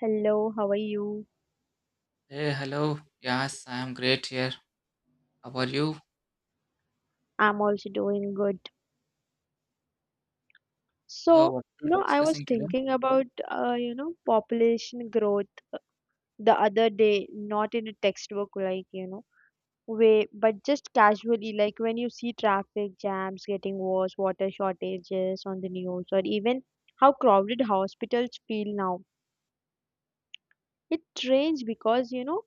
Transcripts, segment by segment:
Hello, how are you? Hey, hello. Yes, I am great here. How are you? I'm also doing good. So, So, what we're I was discussing today? thinking about, population growth the other day, not in a textbook, like, way, but just casually, like when you see traffic jams getting worse, water shortages on the news, or even how crowded hospitals feel now. It's strange because,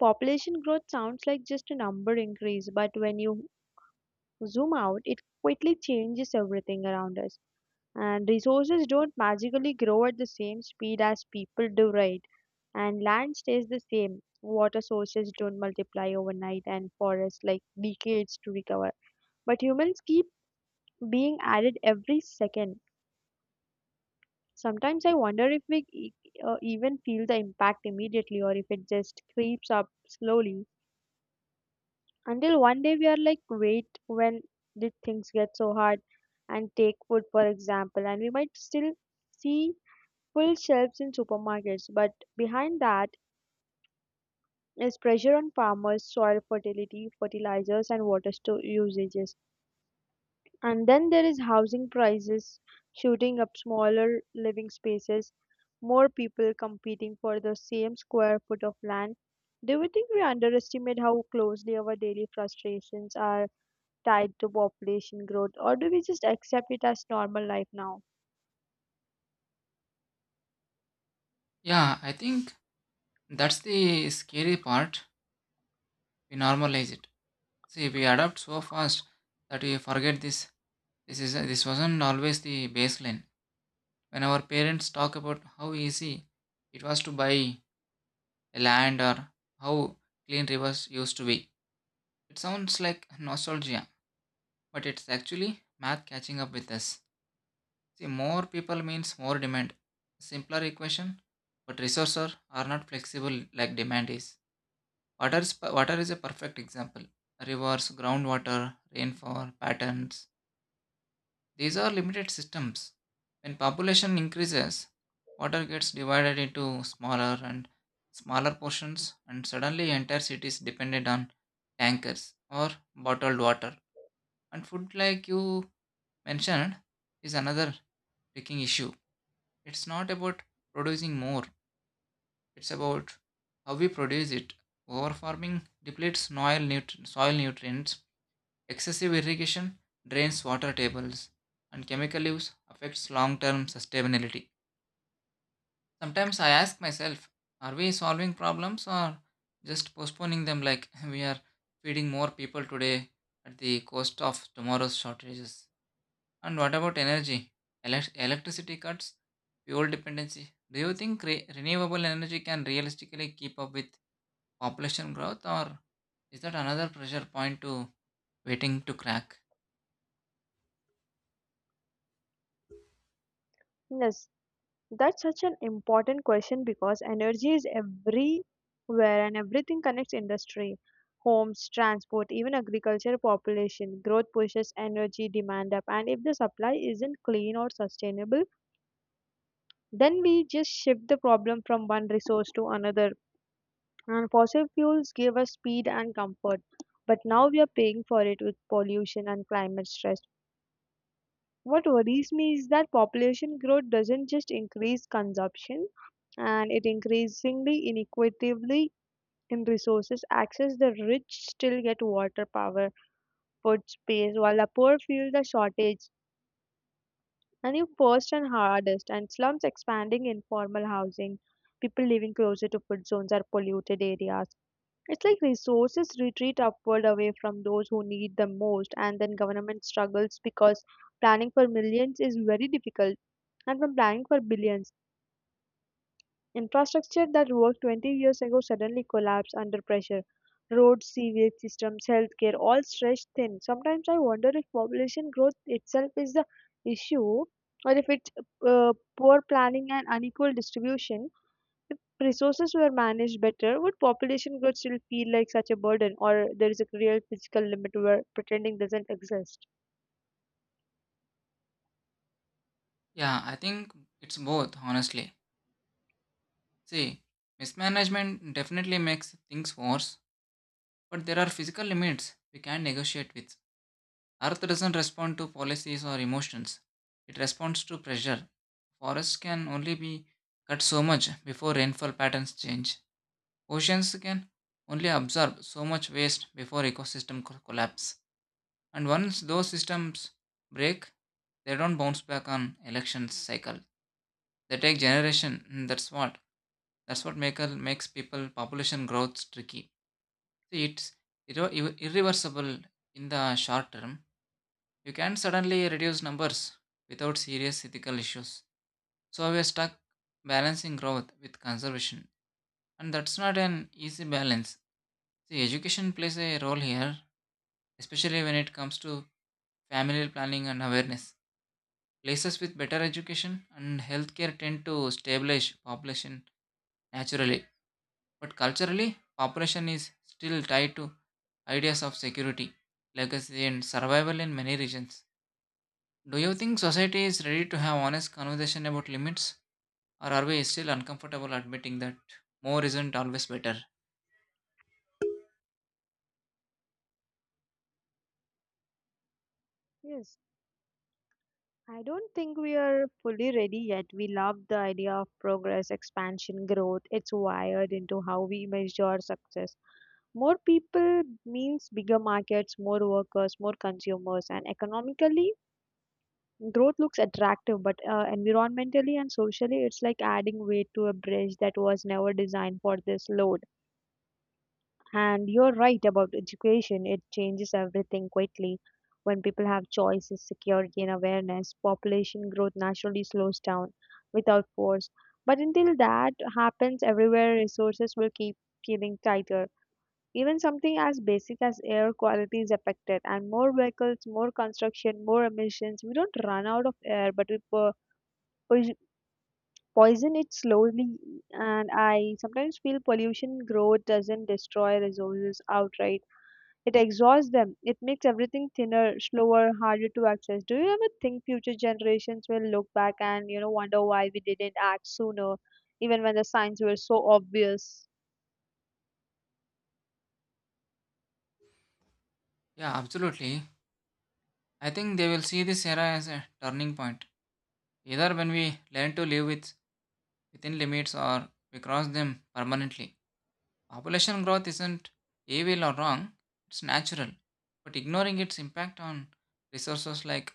population growth sounds like just a number increase, but when you zoom out, it quickly changes everything around us. And resources don't magically grow at the same speed as people do, right? And land stays the same. Water sources don't multiply overnight and forests like decades to recover. But humans keep being added every second. Sometimes I wonder if we even feel the impact immediately or if it just creeps up slowly until one day we are like, wait, when did things get so hard? And take food, for example, and we might still see full shelves in supermarkets, but behind that is pressure on farmers, soil fertility, fertilizers, and water store usages. And then there is housing prices shooting up, smaller living spaces, more people competing for the same square foot of land. Do you think we underestimate how closely our daily frustrations are tied to population growth, or do we just accept it as normal life now? Yeah, I think that's the scary part. We normalize it. See, we adapt so fast that we forget this. This is this wasn't always the baseline. When our parents talk about how easy it was to buy a land or how clean rivers used to be, it sounds like nostalgia, but it's actually math catching up with us. See, more people means more demand. Simpler equation, but resources are not flexible like demand is. Water is a perfect example. Rivers, groundwater, rainfall, patterns. These are limited systems. When population increases, water gets divided into smaller and smaller portions, and suddenly entire cities depended on tankers or bottled water. And food, like you mentioned, is another tricky issue. It's not about producing more, it's about how we produce it. Overfarming depletes soil, soil nutrients, excessive irrigation drains water tables, and chemical use affects long term sustainability. Sometimes I ask myself, are we solving problems or just postponing them like we are feeding more people today at the cost of tomorrow's shortages? And what about energy? Electricity cuts, fuel dependency. Do you think renewable energy can realistically keep up with population growth, or is that another pressure point to waiting to crack? Yes, that's such an important question because energy is everywhere and everything connects industry, homes, transport, even agriculture, population. Growth pushes energy demand up, and if the supply isn't clean or sustainable, then we just shift the problem from one resource to another. And fossil fuels give us speed and comfort, but now we are paying for it with pollution and climate stress. What worries me is that population growth doesn't just increase consumption, and it increasingly inequitably in resources access. The rich still get water, power, food, space, while the poor feel the shortage. And you first and hardest, and slums expanding informal housing, people living closer to food zones or polluted areas. It's like resources retreat upward away from those who need them most, and then government struggles because planning for millions is very difficult and from planning for billions. Infrastructure that worked 20 years ago suddenly collapsed under pressure. Roads, sewage systems, healthcare, all stretched thin. Sometimes I wonder if population growth itself is the issue or if it's poor planning and unequal distribution. If resources were managed better, would population growth still feel like such a burden, or there is a real physical limit where pretending doesn't exist? Yeah, I think it's both, honestly. See, mismanagement definitely makes things worse, but there are physical limits we can negotiate with. Earth doesn't respond to policies or emotions, it responds to pressure. Forests can only be cut so much before rainfall patterns change. Oceans can only absorb so much waste before ecosystem collapse. And once those systems break, they don't bounce back on election cycle. They take generation. That's what makes people population growth tricky. See, it's irreversible in the short term. You can't suddenly reduce numbers without serious ethical issues. So we are stuck balancing growth with conservation, and that's not an easy balance. See, education plays a role here, especially when it comes to family planning and awareness. Places with better education and healthcare tend to stabilize population naturally, but culturally, population is still tied to ideas of security, legacy, and survival in many regions. Do you think society is ready to have honest conversation about limits, or are we still uncomfortable admitting that more isn't always better? Yes. I don't think we are fully ready yet. We love the idea of progress, expansion, growth. It's wired into how we measure success. More people means bigger markets, more workers, more consumers, and economically, growth looks attractive, but environmentally and socially, it's like adding weight to a bridge that was never designed for this load. And you're right about education, it changes everything quickly. When people have choices, security, and awareness, population growth naturally slows down without force. But until that happens, everywhere resources will keep getting tighter. Even something as basic as air quality is affected, and more vehicles, more construction, more emissions. We don't run out of air, but we poison poison it slowly. And I sometimes feel pollution growth doesn't destroy resources outright, it exhausts them. It makes everything thinner, slower, harder to access. Do you ever think future generations will look back and, wonder why we didn't act sooner, even when the signs were so obvious? Yeah, absolutely. I think they will see this era as a turning point, either when we learn to live with within limits or we cross them permanently. Population growth isn't evil or wrong, it's natural, but ignoring its impact on resources like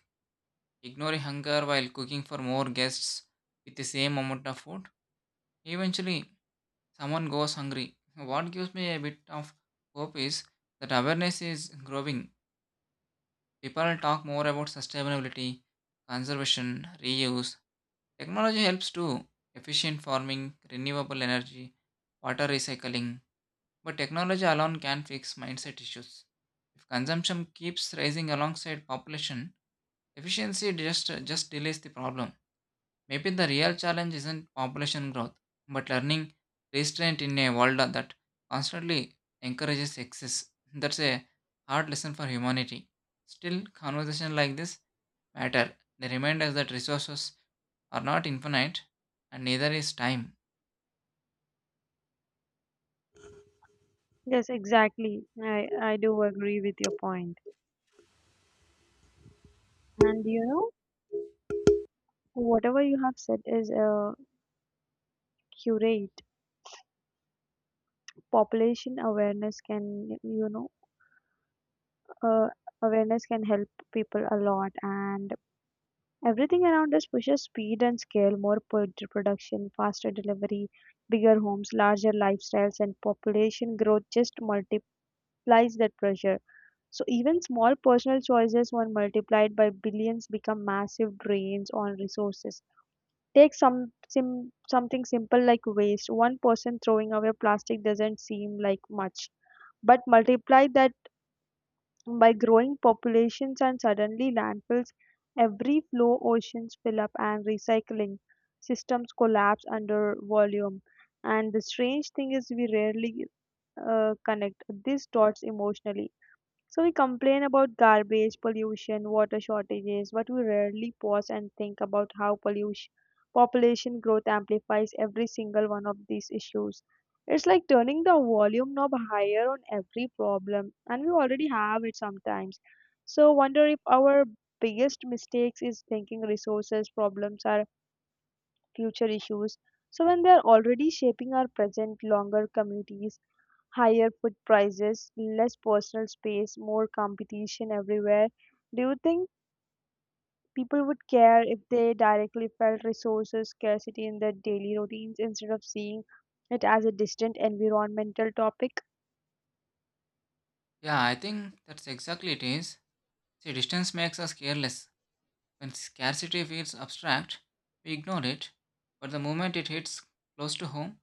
ignoring hunger while cooking for more guests with the same amount of food, eventually someone goes hungry. What gives me a bit of hope is that awareness is growing. People talk more about sustainability, conservation, reuse. Technology helps to efficient farming, renewable energy, water recycling, but technology alone can fix mindset issues. If consumption keeps rising alongside population, efficiency just delays the problem. Maybe the real challenge isn't population growth, but learning restraint in a world that constantly encourages excess. That's a hard lesson for humanity. Still, conversations like this matter. They remind us that resources are not infinite, and neither is time. Yes, exactly. I do agree with your point. And whatever you have said is curate. Population awareness can, uh, awareness can help people a lot. And everything around us pushes speed and scale, more production, faster delivery, bigger homes, larger lifestyles, and population growth just multiplies that pressure. So even small personal choices, when multiplied by billions, become massive drains on resources. Take something simple like waste. One person throwing away plastic doesn't seem like much, but multiply that by growing populations and suddenly landfills, every flow oceans fill up and recycling systems collapse under volume. And the strange thing is, we rarely connect these dots emotionally. So we complain about garbage, pollution, water shortages, but we rarely pause and think about how pollution, population growth amplifies every single one of these issues. It's like turning the volume knob higher on every problem, and we already have it sometimes. So wonder if our biggest mistakes is thinking resources problems are future issues. So when they are already shaping our present longer communities, higher food prices, less personal space, more competition everywhere. Do you think people would care if they directly felt resources scarcity in their daily routines instead of seeing it as a distant environmental topic? Yeah, I think that's exactly it is. See, distance makes us careless. When scarcity feels abstract, we ignore it. But the moment it hits close to home,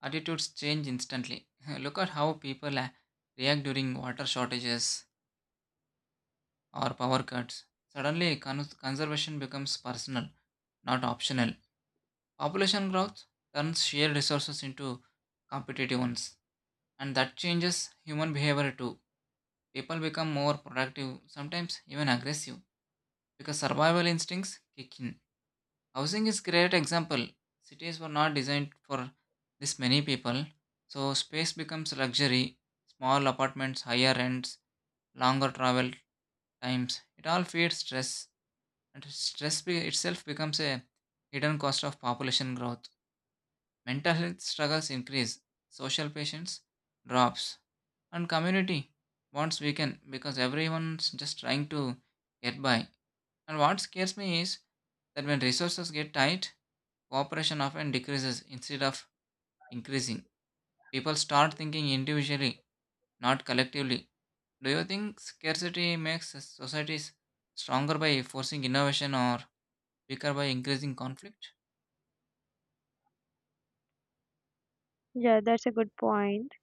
attitudes change instantly. Look at how people react during water shortages or power cuts. Suddenly, conservation becomes personal, not optional. Population growth turns shared resources into competitive ones, and that changes human behavior too. People become more productive, sometimes even aggressive, because survival instincts kick in. Housing is great example. Cities were not designed for this many people, so space becomes luxury. Small apartments, higher rents, longer travel times. It all feeds stress, and stress itself becomes a hidden cost of population growth. Mental health struggles increase, social patience drops, and community bonds weaken because everyone's just trying to get by. And what scares me is that when resources get tight, cooperation often decreases instead of increasing. People start thinking individually, not collectively. Do you think scarcity makes societies stronger by forcing innovation or weaker by increasing conflict? Yeah, that's a good point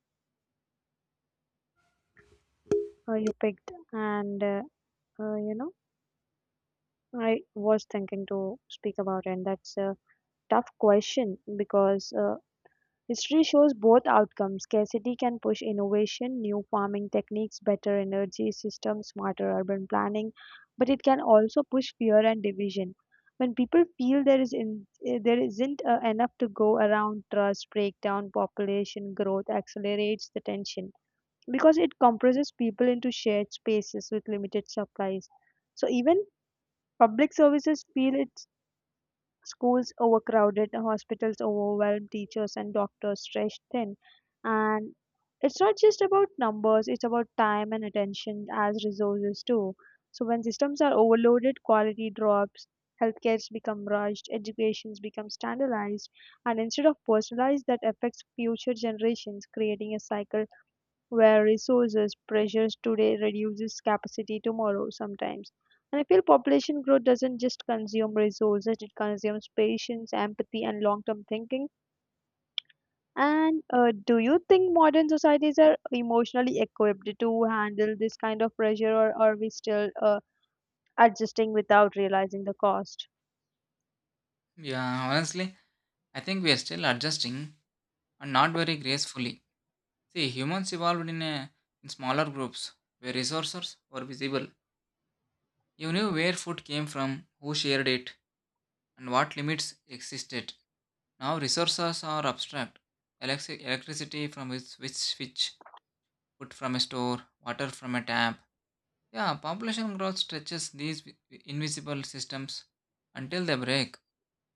you picked, and uh, you know, I was thinking to speak about, and that's a tough question because history shows both outcomes. Scarcity can push innovation, new farming techniques, better energy systems, smarter urban planning, but it can also push fear and division. When people feel there is in, eh, there isn't enough to go around, trust breakdown, population growth accelerates the tension because it compresses people into shared spaces with limited supplies. So even public services feel it. Schools overcrowded, hospitals overwhelmed, teachers and doctors stretched thin. And it's not just about numbers, it's about time and attention as resources too. So when systems are overloaded, quality drops, healthcare's become rushed, educations become standardized, and instead of personalized, that affects future generations, creating a cycle where resources pressures today reduces capacity tomorrow sometimes. And I feel population growth doesn't just consume resources, it consumes patience, empathy, and long term thinking. And do you think modern societies are emotionally equipped to handle this kind of pressure, or are we still adjusting without realizing the cost? Yeah, honestly, I think we are still adjusting and not very gracefully. See, humans evolved in smaller groups where resources were visible. You knew where food came from, who shared it, and what limits existed. Now resources are abstract. Electricity from which switch, food from a store, water from a tap. Yeah, population growth stretches these invisible systems until they break.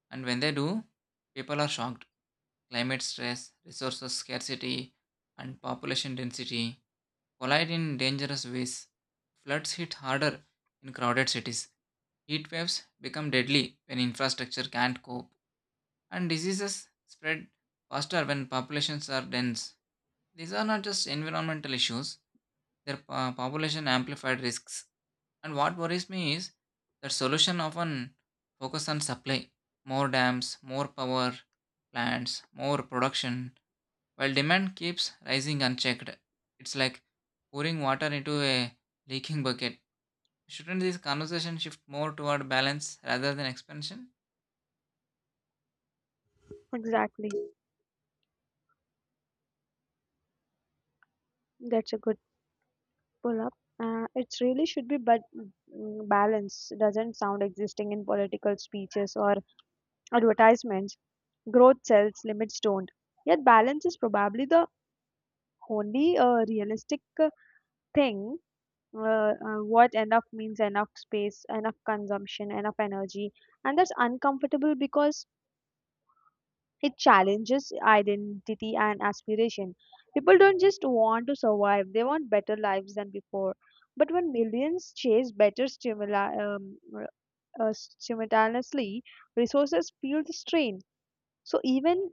And when they do, people are shocked. Climate stress, resources scarcity, and population density collide in dangerous ways. Floods hit harder in crowded cities. Heat waves become deadly when infrastructure can't cope, and diseases spread faster when populations are dense. These are not just environmental issues, their population amplified risks. And what worries me is that solution often focus on supply, more dams, more power plants, more production, while demand keeps rising unchecked, it's like pouring water into a leaking bucket. Shouldn't this conversation shift more toward balance rather than expansion? Exactly. That's a good pull up. It really should be, but balance doesn't sound existing in political speeches or advertisements, growth sells, limits don't. Yet balance is probably the only realistic thing. What enough means, enough space, enough consumption, enough energy, and that's uncomfortable because it challenges identity and aspiration. People don't just want to survive; they want better lives than before. But when millions chase better stimuli simultaneously, resources feel the strain. So even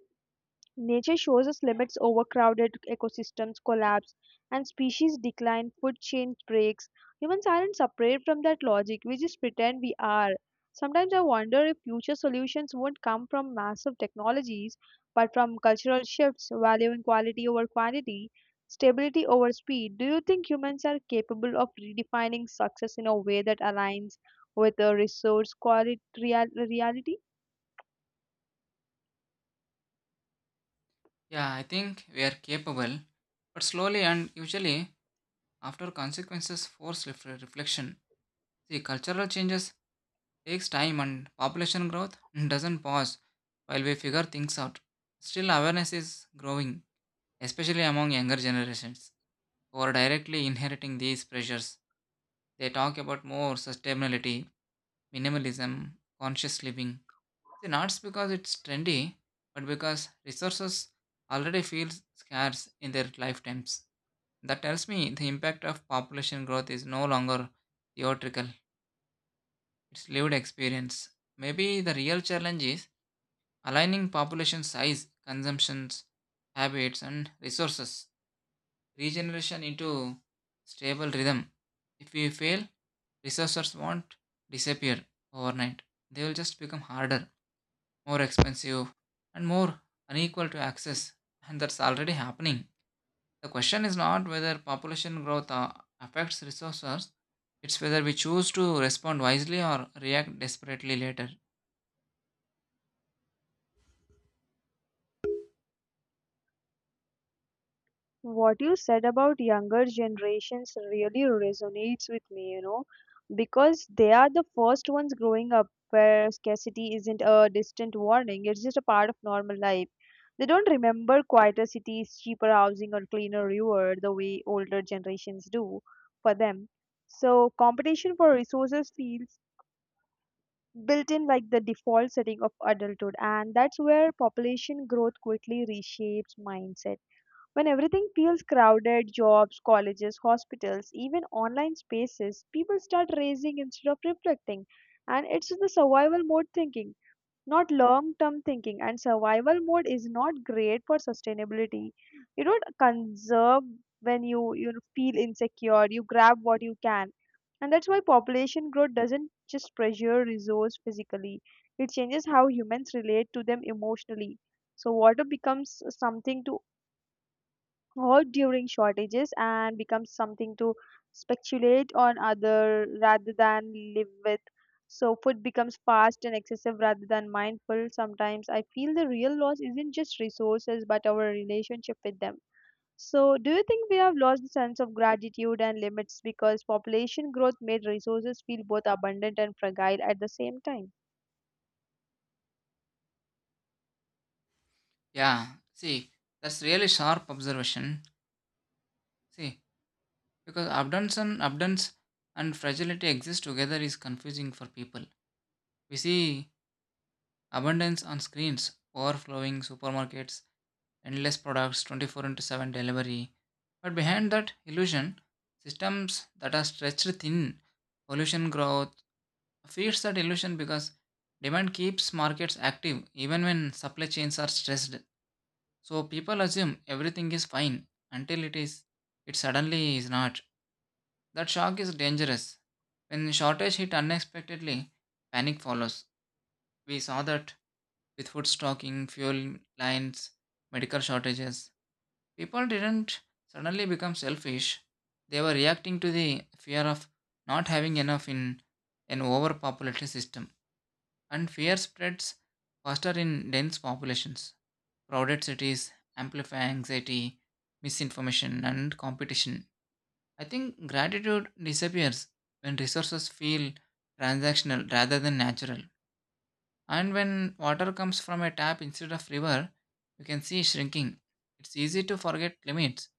nature shows us limits, overcrowded ecosystems collapse, and species decline, food chain breaks. Humans aren't separate from that logic, we just pretend we are. Sometimes I wonder if future solutions won't come from massive technologies, but from cultural shifts, valuing quality over quantity, stability over speed. Do you think humans are capable of redefining success in a way that aligns with the resource quality reality? Yeah, I think we are capable, but slowly and usually after consequences force reflection. See, cultural changes takes time and population growth doesn't pause while we figure things out. Still, awareness is growing, especially among younger generations who are directly inheriting these pressures. They talk about more sustainability, minimalism, conscious living. See, not because it's trendy, but because resources already feel scarce in their lifetimes. That tells me the impact of population growth is no longer theoretical, it's lived experience. Maybe the real challenge is aligning population size, consumptions, habits, and resources regeneration into stable rhythm. If we fail, resources won't disappear overnight. They will just become harder, more expensive, and more unequal to access. And that's already happening. The question is not whether population growth affects resources, it's whether we choose to respond wisely or react desperately later. What you said about younger generations really resonates with me because they are the first ones growing up where scarcity isn't a distant warning, it's just a part of normal life. They don't remember quieter cities, cheaper housing, or cleaner river the way older generations do. For them, so competition for resources feels built in, like the default setting of adulthood. And that's where population growth quickly reshapes mindset when everything feels crowded, jobs, colleges, hospitals, even online spaces, people start racing instead of reflecting. And it's the survival mode thinking, not long term thinking. And survival mode is not great for sustainability. You don't conserve when you, feel insecure, you grab what you can. And that's why population growth doesn't just pressure resource physically, it changes how humans relate to them emotionally. So water becomes something to, or during shortages and becomes something to speculate on other rather than live with. So food becomes fast and excessive rather than mindful. Sometimes I feel the real loss isn't just resources but our relationship with them. So do you think we have lost the sense of gratitude and limits because population growth made resources feel both abundant and fragile at the same time? Yeah, see, that's really sharp observation. See, because abundance and fragility exist together is confusing for people. We see abundance on screens, overflowing supermarkets, endless products, 24 into 7 delivery. But behind that illusion, systems that are stretched thin, pollution growth, feeds that illusion because demand keeps markets active even when supply chains are stressed. So people assume everything is fine until it suddenly is not. That shock is dangerous. When shortage hit unexpectedly, panic follows. We saw that with food stocking, fuel lines, medical shortages. People didn't suddenly become selfish. They were reacting to the fear of not having enough in an overpopulated system. And fear spreads faster in dense populations. Crowded cities amplify anxiety, misinformation, and competition. I think gratitude disappears when resources feel transactional rather than natural. And when water comes from a tap instead of river, you can see shrinking. It's easy to forget limits.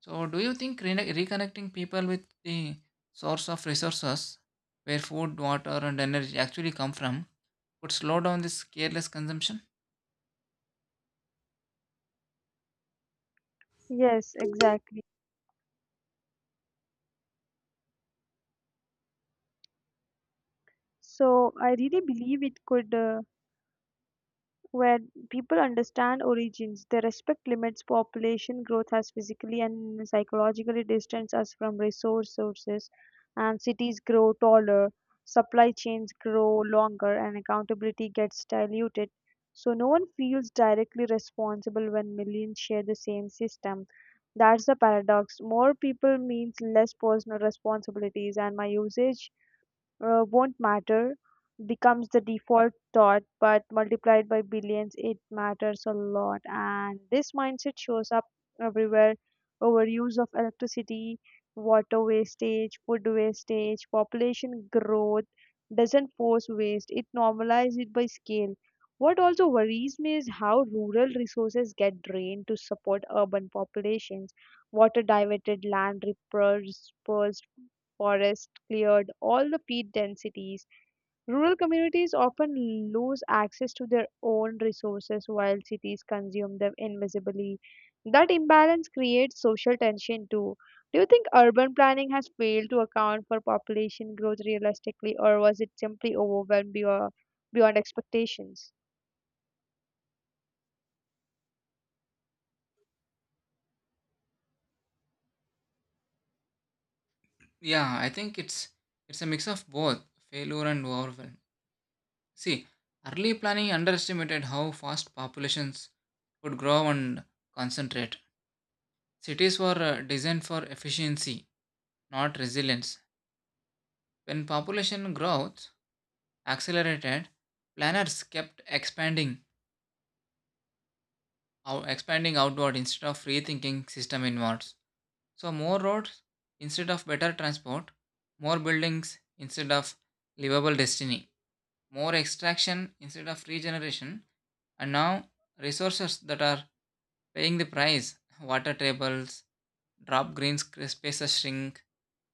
So, do you think reconnecting people with the source of resources, where food, water, and energy actually come from, could slow down this careless consumption? Yes, exactly. So I really believe it could. Where people understand origins, they respect limits. Population growth has physically and psychologically distanced us from resource sources, and cities grow taller, supply chains grow longer, and accountability gets diluted. So no one feels directly responsible when millions share the same system. That's the paradox. More people means less personal responsibilities, and my usage won't matter becomes the default thought, but multiplied by billions, it matters a lot. And this mindset shows up everywhere, overuse of electricity, water wastage, food wastage. Population growth doesn't force waste, it normalizes it by scale. What also worries me is how rural resources get drained to support urban populations. Water diverted, land repurposed, forests cleared, all the peat densities. Rural communities often lose access to their own resources while cities consume them invisibly. That imbalance creates social tension too. Do you think urban planning has failed to account for population growth realistically, or was it simply overwhelmed beyond expectations? Yeah, I think it's a mix of both failure and overwhelm. See, early planning underestimated how fast populations could grow and concentrate. Cities were designed for efficiency, not resilience. When population growth accelerated, planners kept expanding outward instead of rethinking system inwards. So more roads instead of better transport, more buildings instead of livable destiny, more extraction instead of regeneration, and now resources that are paying the price. Water tables drop, green spaces shrink,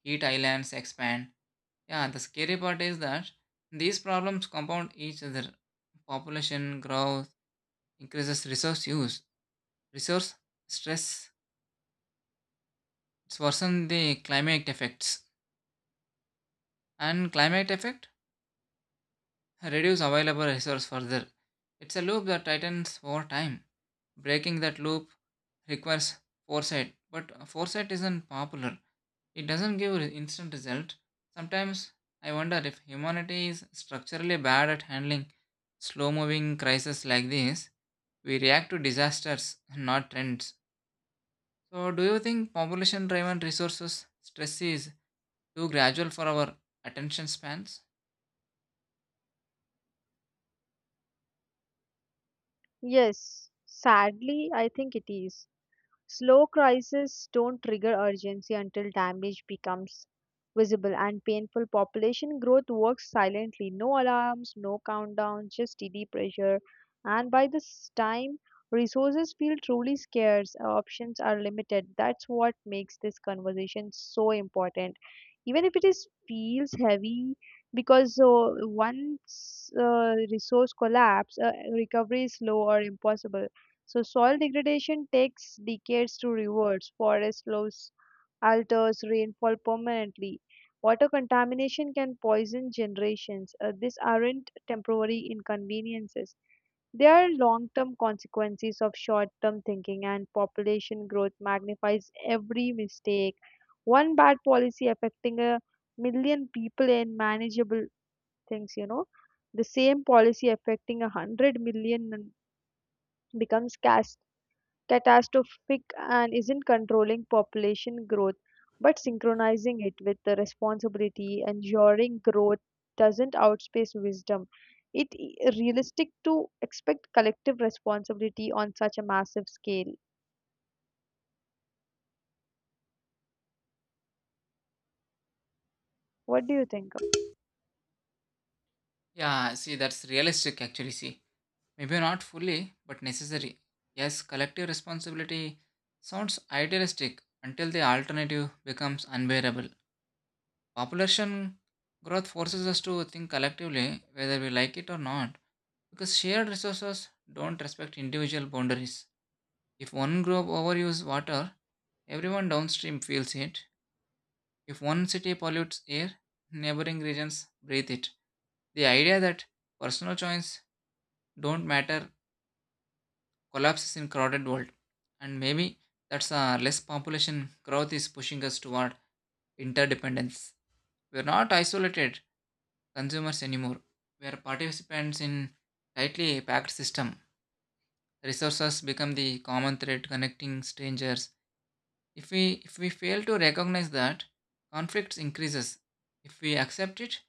heat islands expand. Yeah, the scary part is that these problems compound each other. Population growth increases resource use, resource stress, it's worsen the climate effects, and climate effect reduce available resource further. It's a loop that tightens over time. Breaking that loop requires foresight, but foresight isn't popular. It doesn't give instant result. Sometimes I wonder if humanity is structurally bad at handling slow moving crises like this. We react to disasters, not trends. So, do you think population driven resources stress is too gradual for our attention spans? Yes, sadly, I think it is. Slow crises don't trigger urgency until damage becomes visible and painful. Population growth works silently, no alarms, no countdowns, just steady pressure. And by this time, resources feel truly scarce, options are limited. That's what makes this conversation so important. Even if it is feels heavy, because once resource collapse, recovery is slow or impossible. So soil degradation takes decades to reverse. Forest loss alters rainfall permanently. Water contamination can poison generations. These aren't temporary inconveniences. They are long term consequences of short term thinking, and population growth magnifies every mistake. One bad policy affecting a million people in manageable things. The same policy affecting a hundred million becomes catastrophic, and isn't controlling population growth but synchronizing it with the responsibility, ensuring growth doesn't outpace wisdom, realistic to expect collective responsibility on such a massive scale. What do you think of? Yeah, see, that's realistic actually. See, maybe not fully, but necessary. Yes, collective responsibility sounds idealistic until the alternative becomes unbearable. Population growth forces us to think collectively, whether we like it or not, because shared resources don't respect individual boundaries. If one group overuses water, everyone downstream feels it. If one city pollutes air, neighboring regions breathe it. The idea that personal choice don't matter collapses in crowded world, and maybe that's a less population growth is pushing us toward interdependence. We're not isolated consumers anymore. Where participants in tightly packed system, resources become the common thread connecting strangers. If we fail to recognize that, conflicts increases. If we accept it,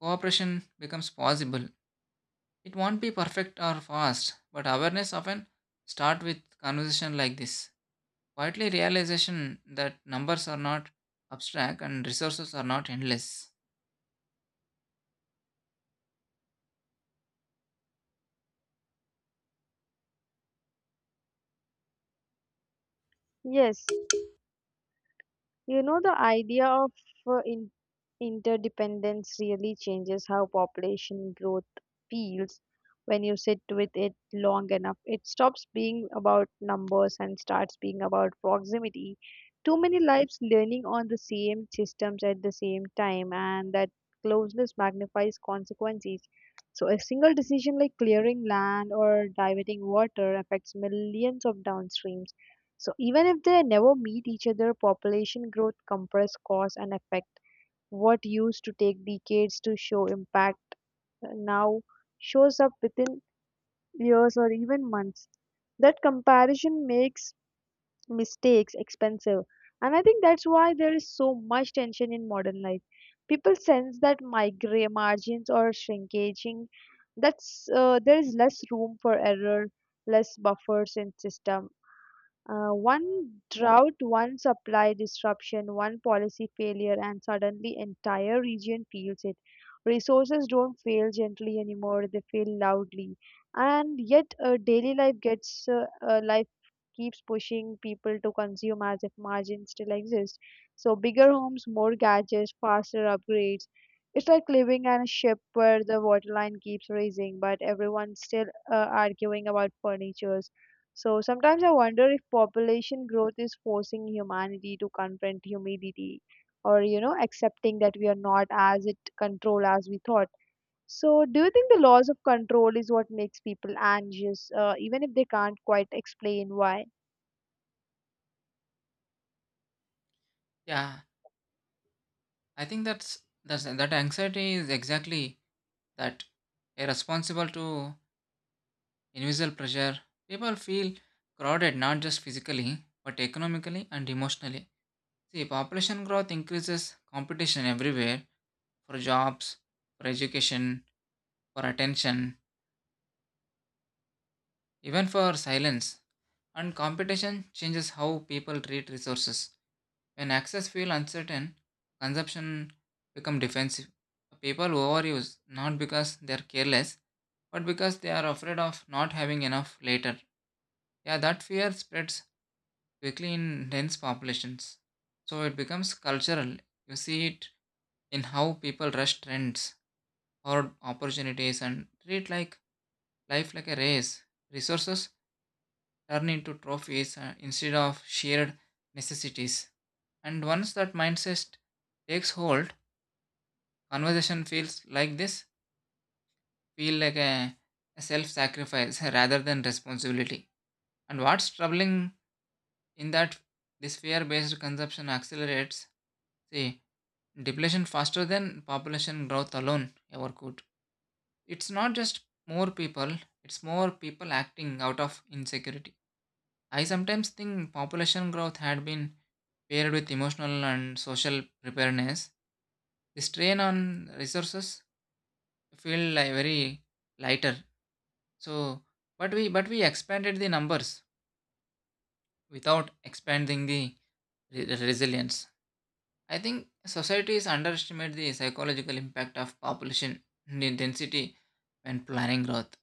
cooperation becomes possible. It won't be perfect or fast, but awareness often start with conversation like this. Quietly realization that numbers are not abstract and resources are not endless. Yes. You know, the idea of uh, in- interdependence really changes how population growth feels when you sit with it long enough. It stops being about numbers and starts being about proximity. Too many lives learning on the same systems at the same time, and that closeness magnifies consequences. So a single decision like clearing land or diverting water affects millions of downstreams, so even if they never meet each other, population growth compress cause and effect. What used to take decades to show impact now shows up within years or even months. That comparison makes mistakes expensive. And I think that's why there is so much tension in modern life. People sense that migra margins are shrinking, that's there is less room for error, less buffers in system. One drought, one supply disruption, one policy failure, and suddenly entire region feels it. Resources don't fail gently anymore; they fail loudly. And yet, daily life gets life keeps pushing people to consume as if margins still exist. So bigger homes, more gadgets, faster upgrades. It's like living on a ship where the waterline keeps rising, but everyone's still uh, arguing about furniture. So sometimes I wonder if population growth is forcing humanity to confront humidity or, accepting that we are not as it control as we thought. So do you think the loss of control is what makes people anxious, even if they can't quite explain why? Yeah, I think that's that anxiety is exactly that irresponsible to invisible pressure. People feel crowded not just physically but economically and emotionally. See, population growth increases competition everywhere for jobs, for education, for attention, even for silence. And competition changes how people treat resources. When access feel uncertain, consumption become defensive. People overuse not because they are careless, but because they are afraid of not having enough later. Yeah, that fear spreads quickly in dense populations. So it becomes cultural. You see it in how people rush trends or opportunities and treat like life like a race. Resources turn into trophies instead of shared necessities. And once that mindset takes hold, conversation feels like this feel like a self-sacrifice rather than responsibility. And what's troubling in that this fear-based consumption accelerates, see, depletion faster than population growth alone ever could. It's not just more people, it's more people acting out of insecurity. I sometimes think population growth had been paired with emotional and social preparedness. The strain on resources feel like very lighter. So, but we expanded the numbers without expanding the resilience. I think societies underestimate the psychological impact of population intensity when planning growth.